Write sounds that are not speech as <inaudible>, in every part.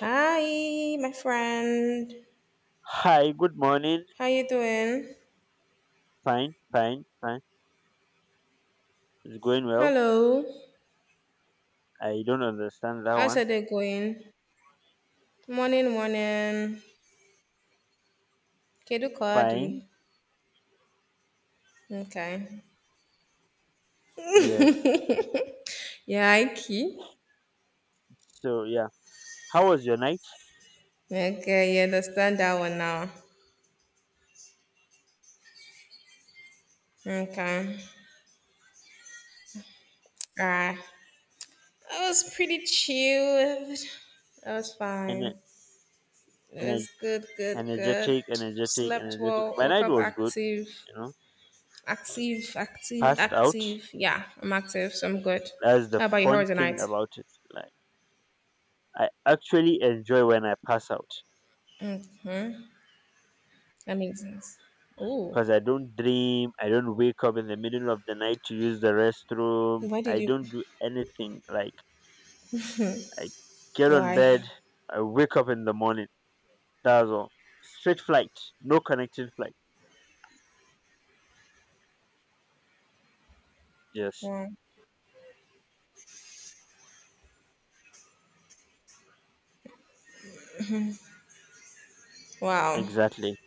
Hi, my friend. Hi, good morning. How you doing? Fine. It's going well. Hello. I don't understand that How's one. your day going? Morning, morning. Kedu ka ọ dị? Fine, Okay. yes. Yeah, Iki. So yeah, how was your night? Okay, you understand that one now. Okay. Alright. I was pretty chilled. That was fine. Ener- It was ener- good, good, good. Slept energetic. well, My woke night up was good. active. You know, Active, active, passed out. active. Yeah, I'm active, so I'm good. That's the How about you? How fun was your thing night? about it. Like I actually enjoy when I pass out Mm-hmm. That makes sense. Ooh, because I don't dream. I don't wake up in the middle of the night to use the restroom. why did I you? don't do anything. Like I get on Why? bed. I wake up in the morning. That's all. Straight flight, no connecting flight. Yes, Wow. Wow. exactly.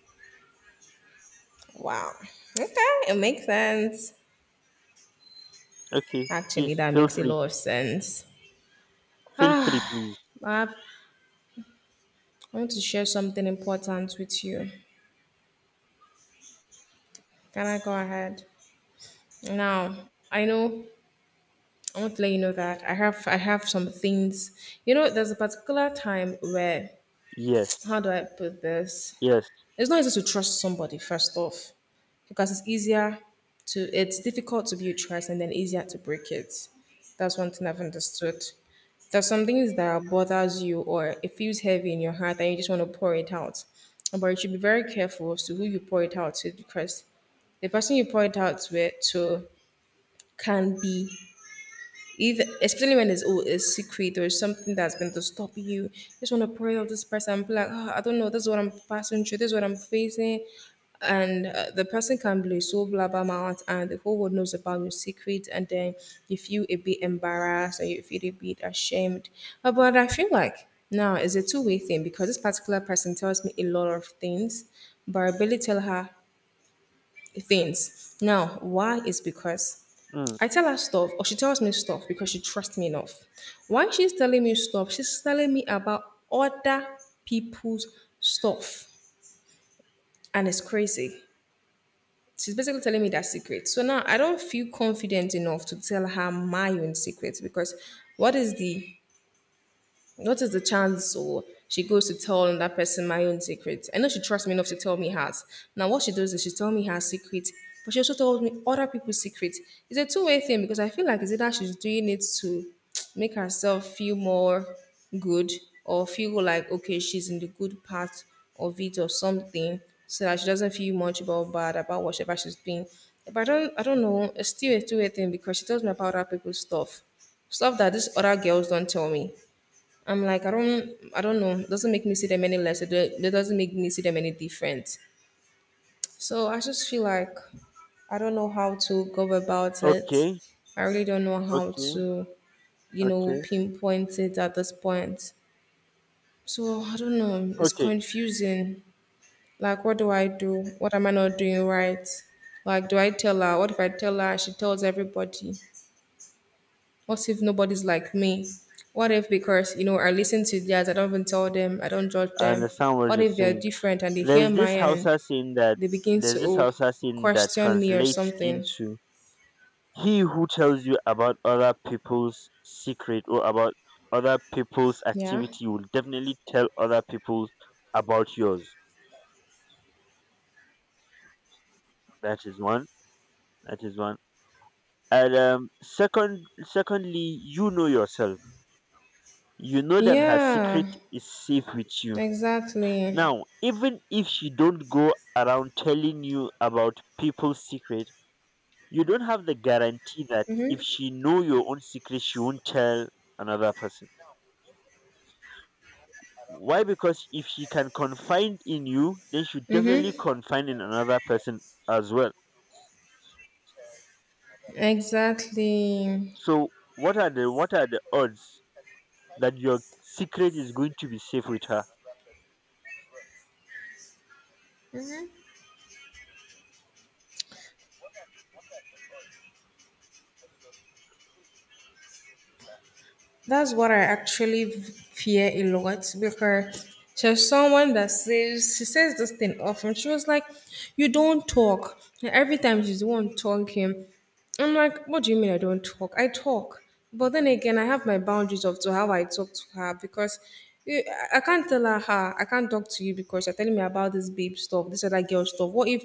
Wow. Okay, it makes sense. Okay, Actually, please that feel makes a free. lot of sense. <sighs> Feel free, Ah, please. Bob, I want to share something important with you. Can I go ahead? Now, I know I want to let you know that I have some things. You know, there's a particular time where Yes, <tsk> how do I put this? yes. It's not easy to trust somebody first off because it's difficult to build trust and then easier to break it. That's one thing I've understood. There's some things that bothers you or it feels heavy in your heart and you just want to pour it out. But you should be very careful as to who you pour it out to because the person you pour it out with to can be even especially when it's oh, a secret or something that's been to stop you, just want to pray of this person and be like, oh, I don't know, this is what I'm passing through, this is what I'm facing. And the person can be so blabbermouth, and the whole world knows about your secret, and then you feel a bit embarrassed or you feel a bit ashamed. But I feel like now it's a two-way thing because this particular person tells me a lot of things, but I barely tell her things. Now, why is because Mm. I tell her stuff or she tells me stuff because she trusts me enough. Why she's telling me stuff, she's telling me about other people's stuff. And it's crazy. She's basically telling me that secret. So now I don't feel confident enough to tell her my own secret because what is the what is the chance or she goes to tell that person my own secret? I know she trusts me enough to tell me hers. Now what she does is she tell me her secret, but she also told me other people's secret. It's a two-way thing because I feel like it's either she's doing it to make herself feel more good or feel like okay she's in the good part of it or something so that she doesn't feel much about bad about whatever she's doing. But I don't know, it's still a two-way thing because she tells me about other people's stuff stuff that these other girls don't tell me. I'm like, I don't know. It doesn't make me see them any less. It doesn't make me see them any different. So I just feel like I don't know how to go about it. Okay, I really don't know how okay, to, okay, pinpoint it at this point. So I don't know. It's okay. confusing. Like, what do I do? What am I not doing right? Like, do I tell her? What if I tell her? She tells everybody. What if nobody's like me? What if because you know I listen to theirs, I don't even tell them, I don't judge I them. understand what What you're if they're saying. different and they hear There's my this and Hausa saying that they begin to there's this oh Hausa saying that question me or translates something? into he who tells you about other people's secret or about other people's Yeah. activity will definitely tell other people about yours. That is one. That is one. And second, secondly, you know yourself. You know that her secret Yeah. is safe with you. Exactly. Now, even if she don't go around telling you about people's secret, you don't have the guarantee that if she know your own secret, she won't tell another person. Why? Because if she can confide in you, then she definitely Mm-hmm. confide in another person as well. Exactly. So, what are the odds that your secret is going to be safe with her? That's what I actually fear a lot because she's someone that says she says this thing often. She was like, "You don't talk." And every time she's the one talking, I'm like, "What do you mean I don't talk? I talk." But then again, I have my boundaries of to how I talk to her because I can't tell her, I can't talk to you because you're telling me about this babe stuff, this other girl stuff. What if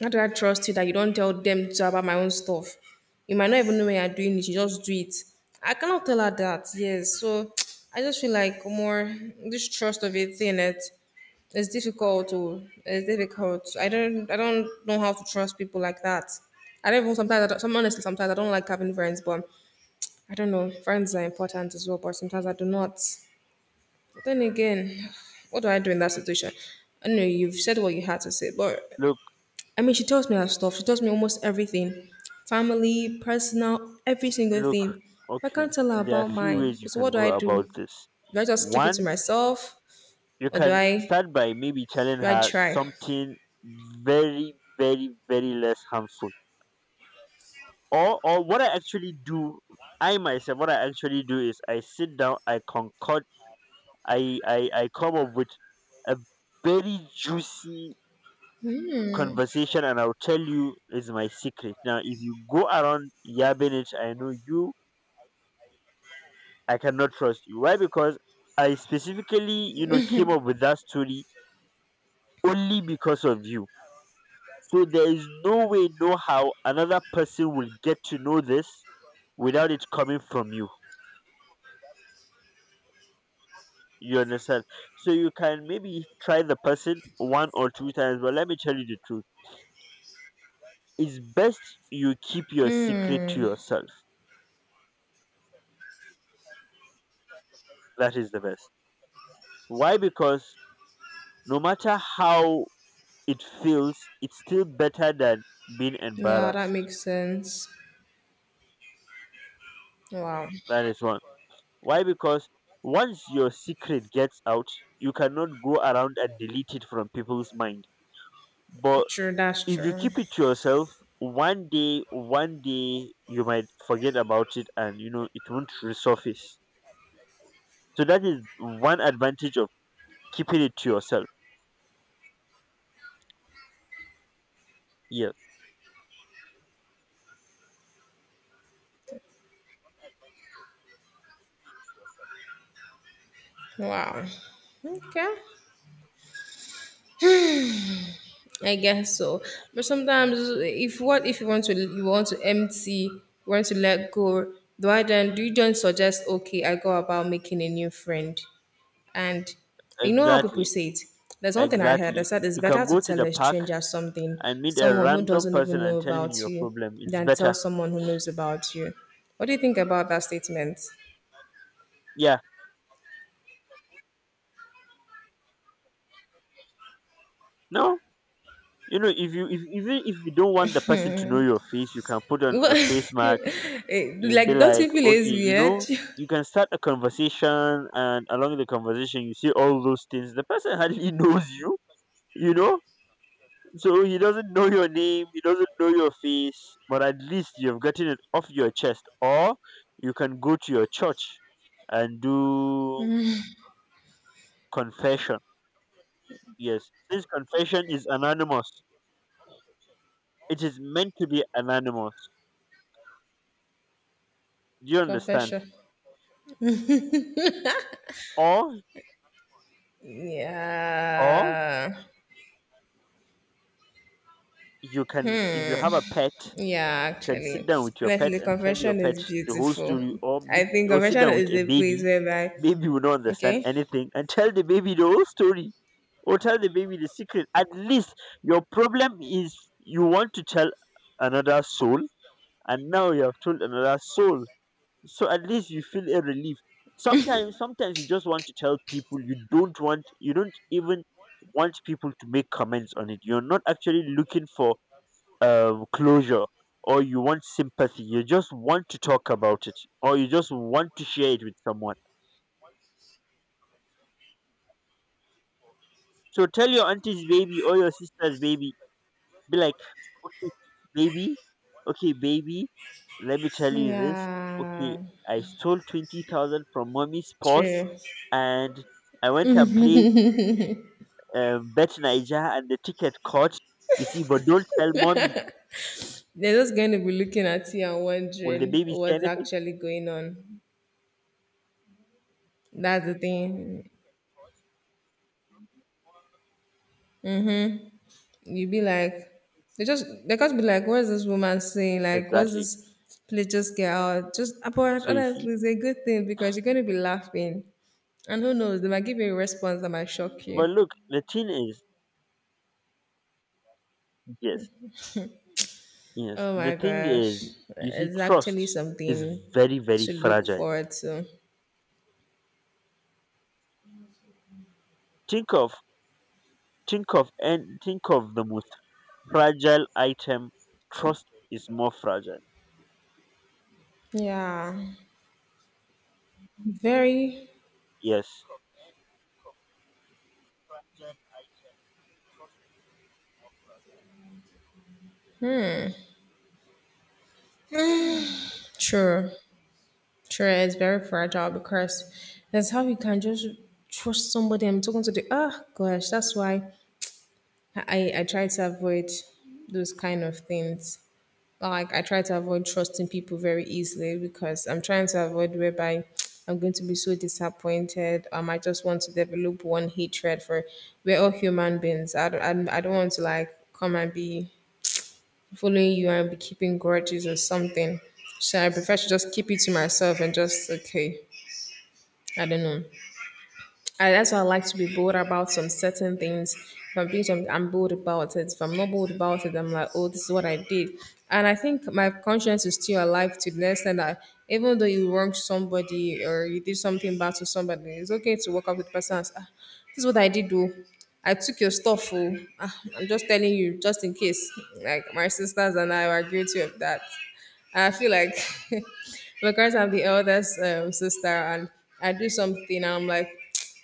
how do I trust you that you don't tell them to about my own stuff? You might not even know when you're doing it, you just do it. I cannot tell her that, yes. So <tsk> I just feel like more this trust of it in it is difficult to it's difficult. I don't know how to trust people like that. I don't even sometimes I don't, some honestly sometimes I don't like having friends, but I don't know. Friends are important as well, but sometimes I do not. But then again, <sighs> what do I do in that situation? I know you've said what you had to say, but Look I mean, she tells me her stuff. She tells me almost everything family, personal, every single Look, thing. But I okay, can't tell her there are about few mine. ways you So, can what do go I about do? this. Do I just keep it to One, myself you or can start by maybe telling do I her try? something very less harmful. Or what I actually do, I myself, what I actually do is I sit down, I concoct, I come up with a very juicy conversation, and I'll tell you is my secret. Now, if you go around yabbing it, I cannot trust you. Why? Because I specifically, you know, came up with that story only because of you. So there is no way, no how another person will get to know this without it coming from you. You understand? So you can maybe try the person one or two times, but let me tell you the truth. It's best you keep your secret to Hmm. yourself. That is the best. Why? Because no matter how it feels, it's still better than being Yeah, that embarrassed. makes sense. Wow. That is one. Why? Because once your secret gets out, you cannot go around and delete it from people's mind. But True, that's if you true. keep it to yourself, one day you might forget about it and you know it won't resurface. So that is one advantage of keeping it to yourself. Yes, Wow. Okay. I guess so. But sometimes if what if you want to empty, you want to let go, do I then do you then suggest okay, I go about making a new friend? And you know how people exactly. say it. There's one thing I heard that Exactly. said it's You better can to go to tell the a park stranger something, and meet a someone who random doesn't person even and know tell about him your you, problem. It's than tell better. someone who knows about you. What do you think about that statement? Yeah. No, you know, if you, if even if you don't want the person to know your face, you can put on a face <laughs> mask. Eh, You be like, don't like, you feel okay, it's you weird? know, you can start a conversation, and along the conversation, you see all those things. The person hardly <laughs> knows you, you know. So he doesn't know your name, he doesn't know your face, but at least you've gotten it off your chest. Or you can go to your church and do confession. Yes, since confession is anonymous, it is meant to be anonymous. Do you <laughs> understand? Confession. Or or Yeah, you can, if you have a pet, you yeah, can sit actually. down with your pet Honestly, and tell your confession pet is the whole beautiful. story. Or I meet, think or sit confession down with is a a place baby. whereby, Baby will not understand okay? anything, and tell the baby the whole story or tell the baby the secret. At least your problem is you want to tell another soul, and now you have told another soul, so at least you feel a relief. Sometimes you just want to tell people. You don't want, you don't even want people to make comments on it. You're not actually looking for closure, or you want sympathy. You just want to talk about it, or you just want to share it with someone. So tell your auntie's baby or your sister's baby. Be like, okay, baby, okay, baby, let me tell you this. Okay, Yeah, I stole 20,000 from mommy's purse, true. and I went and play bet Niger, and the ticket caught. You see, but don't tell mommy. They're just going to be looking at you and Will the wondering baby say what's anything? actually going on. That's the thing. You be like, they just they got to be like, what's this woman saying? Like, what's Exactly. this? Please just get out. Just but So you see, honestly, it's a good thing because you're going to be laughing, and who knows, they might give you a response that might shock you. but look, the thing is, yes, yes. Oh The my thing gosh, is, you see, it's actually trust is something very to look fragile. forward to. Think of, and think of the most fragile item. Trust is more fragile. Yeah, very Yes. true. Sure, it's very fragile because that's how you can just trust somebody. I'm talking to the oh gosh, that's why I try to avoid those kind of things. Like I try to avoid trusting people very easily because I'm trying to avoid whereby I'm going to be so disappointed. I just want to develop one hatred for we're all human beings. I don't want to like come and be following you and be keeping grudges or something. So I prefer to just keep it to myself and just okay. I don't know. That's why I like to be bold about some certain things. If I'm being something, I'm bold about it. If I'm not bold about it, I'm like, oh, this is what I did. And I think my conscience is still alive to the extent that even though you wronged somebody or you did something bad to somebody, it's okay to walk up with the person and say, ah, this is what I did, though. I took your stuff. Oh. Ah, I'm just telling you, just in case. Like, my sisters and I were guilty of that. I feel like <laughs> because I'm the eldest sister and I do something and I'm like,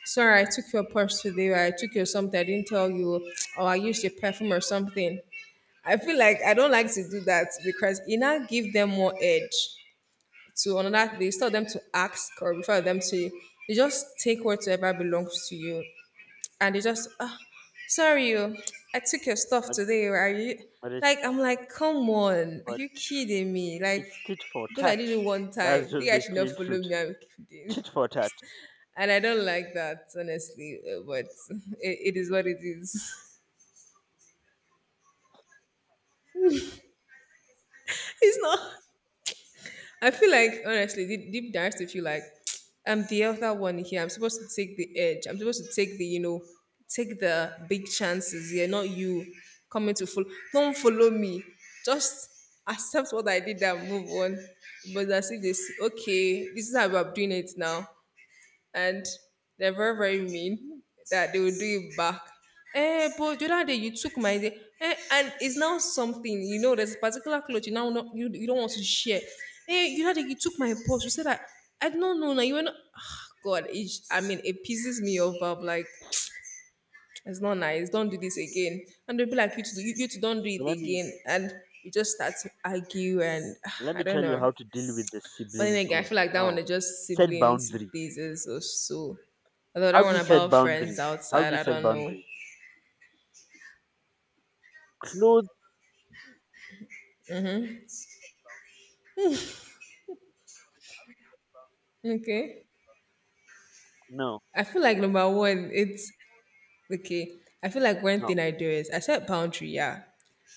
sorry, I took your purse today or I took your something, I didn't tell you, or I used your perfume or something. I feel like I don't like to do that because it now give them more edge to another. They tell them to ask or refer them to. You just take whatever belongs to you and they just ah sorry you I took your stuff but today oh, are you but like it's, I'm like come on are but you kidding me like it's tit for because I tat. did it one time That's just you guys the should not plain follow truth. me I'm kidding Tit for tat. and I don't like that honestly but <laughs> it is what it is <laughs> it's not I feel like honestly, deep, deep down, I still feel like <tsk> I'm the other one here. I'm supposed to take the edge. I'm supposed to take the you know, take the big chances. Yeah, not you coming to follow. Don't follow me. Just accept what I did and move on. But I see this. Okay, this is how I'm doing it now and they're very very mean that they will do it back. Eh, but the other day you took my day, eh, and it's now something you know. There's a particular clothes you now not, you don't want to share. Eh, the other day you took my purse. You said that I don't know now. You were not. Ah, God, I mean, it pisses me off. I'm like, it's not nice. Don't do this again. And they'll be like, you two don't do So let it me again. And you just start to argue, and let I me don't tell you know. how to deal with the But siblings then again, I own feel like that one now. is just Set siblings boundaries. basis or so. The How other do one you set about friends boundaries? Outside, I don't know. Clothes. Okay. no I feel like number one, it's okay. I feel like one no thing I do is I set boundary, yeah.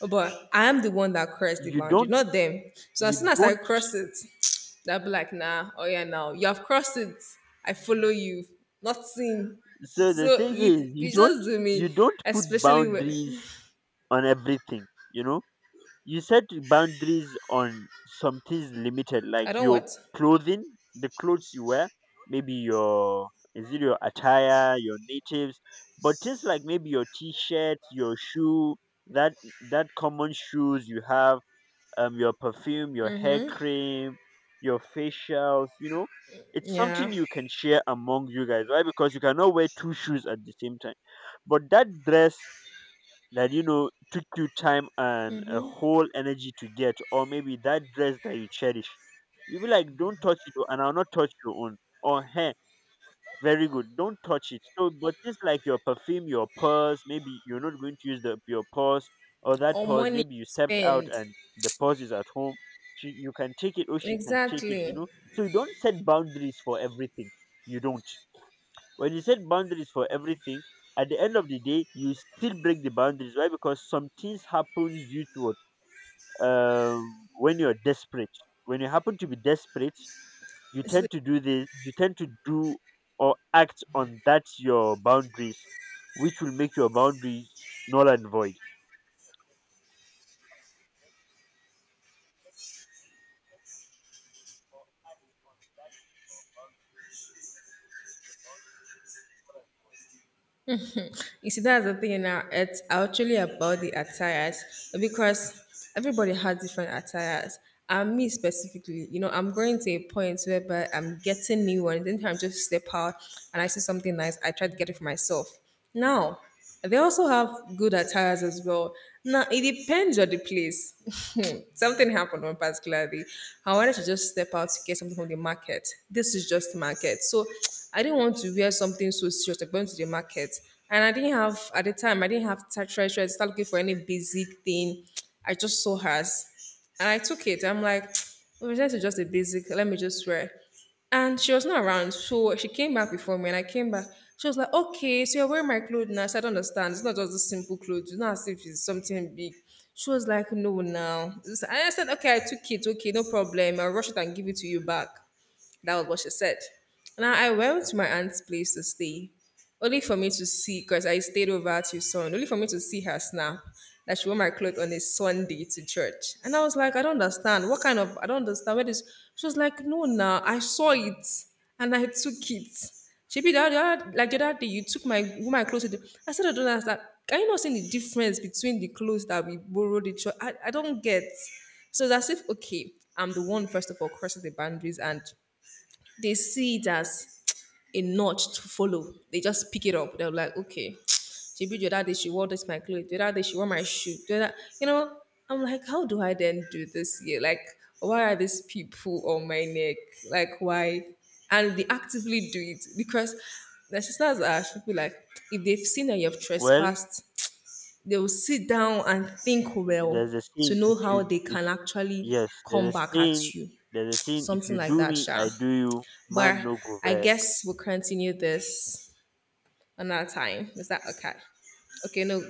But I am the one that crossed the you boundary, don't not them. So you as soon as I don't cross it, <tsk> they'll be like, nah, oh yeah, now you have crossed it. I follow you. Nothing. So So the thing is, it you you don't just do me, you don't put especially boundaries with on everything, you know. You set boundaries on some things limited, I like don't your what? clothing, the clothes you wear, maybe your, is it your attire, your natives? But things like maybe your t-shirt, your shoe, that that common shoes you have, your perfume, your hair cream, your facials, you know, it's Yeah. something you can share among you guys. Why? Because you cannot wear two shoes at the same time. But that dress that you know took you time and a whole energy to get, or maybe that dress that you cherish, you'll be like, don't touch it, oh, and I'll not touch your own. Or hey, very good, don't touch it. So, but things like your perfume, your purse, maybe you're not going to use the your purse or that Or purse. money to Maybe you stepped out spend. and the purse is at home. She, you can take it, or she can take it. Exactly. You know, so you don't set boundaries for everything. You don't. When you set boundaries for everything, at the end of the day, you still break the boundaries. Why? Because some things happens due to what, when you're desperate. When you happen to be desperate, you It's- like, tend to do this. You tend to do or act on that your boundaries, which will make your boundaries null and void. you see, that's the thing now. It's actually about the attires because everybody has different attires. And me specifically, you know, I'm going to a point whereby I'm getting new ones. Anytime I just step out and I see something nice, I try to get it for myself. Now, they also have good attires as well. Now it depends on the place. <laughs> Something happened one particular day. I wanted to just step out to get something from the market. This is just market, so <tsk> I didn't want to wear something so serious. I went to the market, and I didn't have at the time. I didn't have to try to start looking for any basic thing. I just saw hers, and I took it. I'm like, <tsk> oh, this is just a basic. Let me just wear. It. And she was not around. So she came back before me and I came back. She was like, okay, so you're wearing my clothes now. I said, I don't understand. It's not just a simple clothes. It's not as if it's something big. She was like, no, now. And I said, okay, I took it. Okay, no problem. I'll rush it and give it to you back. That was what she said. Now I went to my aunt's place to stay. Only for me to see, because I stayed over at your son, only for me to see her snap that she wore my clothes on a Sunday to church. And I was like, I don't understand. What kind of, I don't understand where this. She was like, no, nah, I saw it and I took it. She be the other, like the other day, you took my, wore my clothes. To the-" I said, I don't understand. Can you not see the difference between the clothes that we borrowed the church? I don't get. So that's if, okay, I'm the one, first of all, crossing the boundaries and they see it as a notch to follow. They just pick it up. They're like, okay, <tsk> she be the other day she wore this my clothes. The other day she wore my shoe. The other, you know, I'm like, how do I then do this here? Like, why are these people on my neck? Like, why? And they actively do it because the sisters are should be like, if they've seen that you've Well, trespassed, they will sit down and think well there's a to saying: if know you how they can if actually yes, come there's a back saying. at you. There's a saying: if Something you like do that, me, Sha. I do you. Man But no go I guess vex. we'll continue this another time. Is that okay? Okay, no,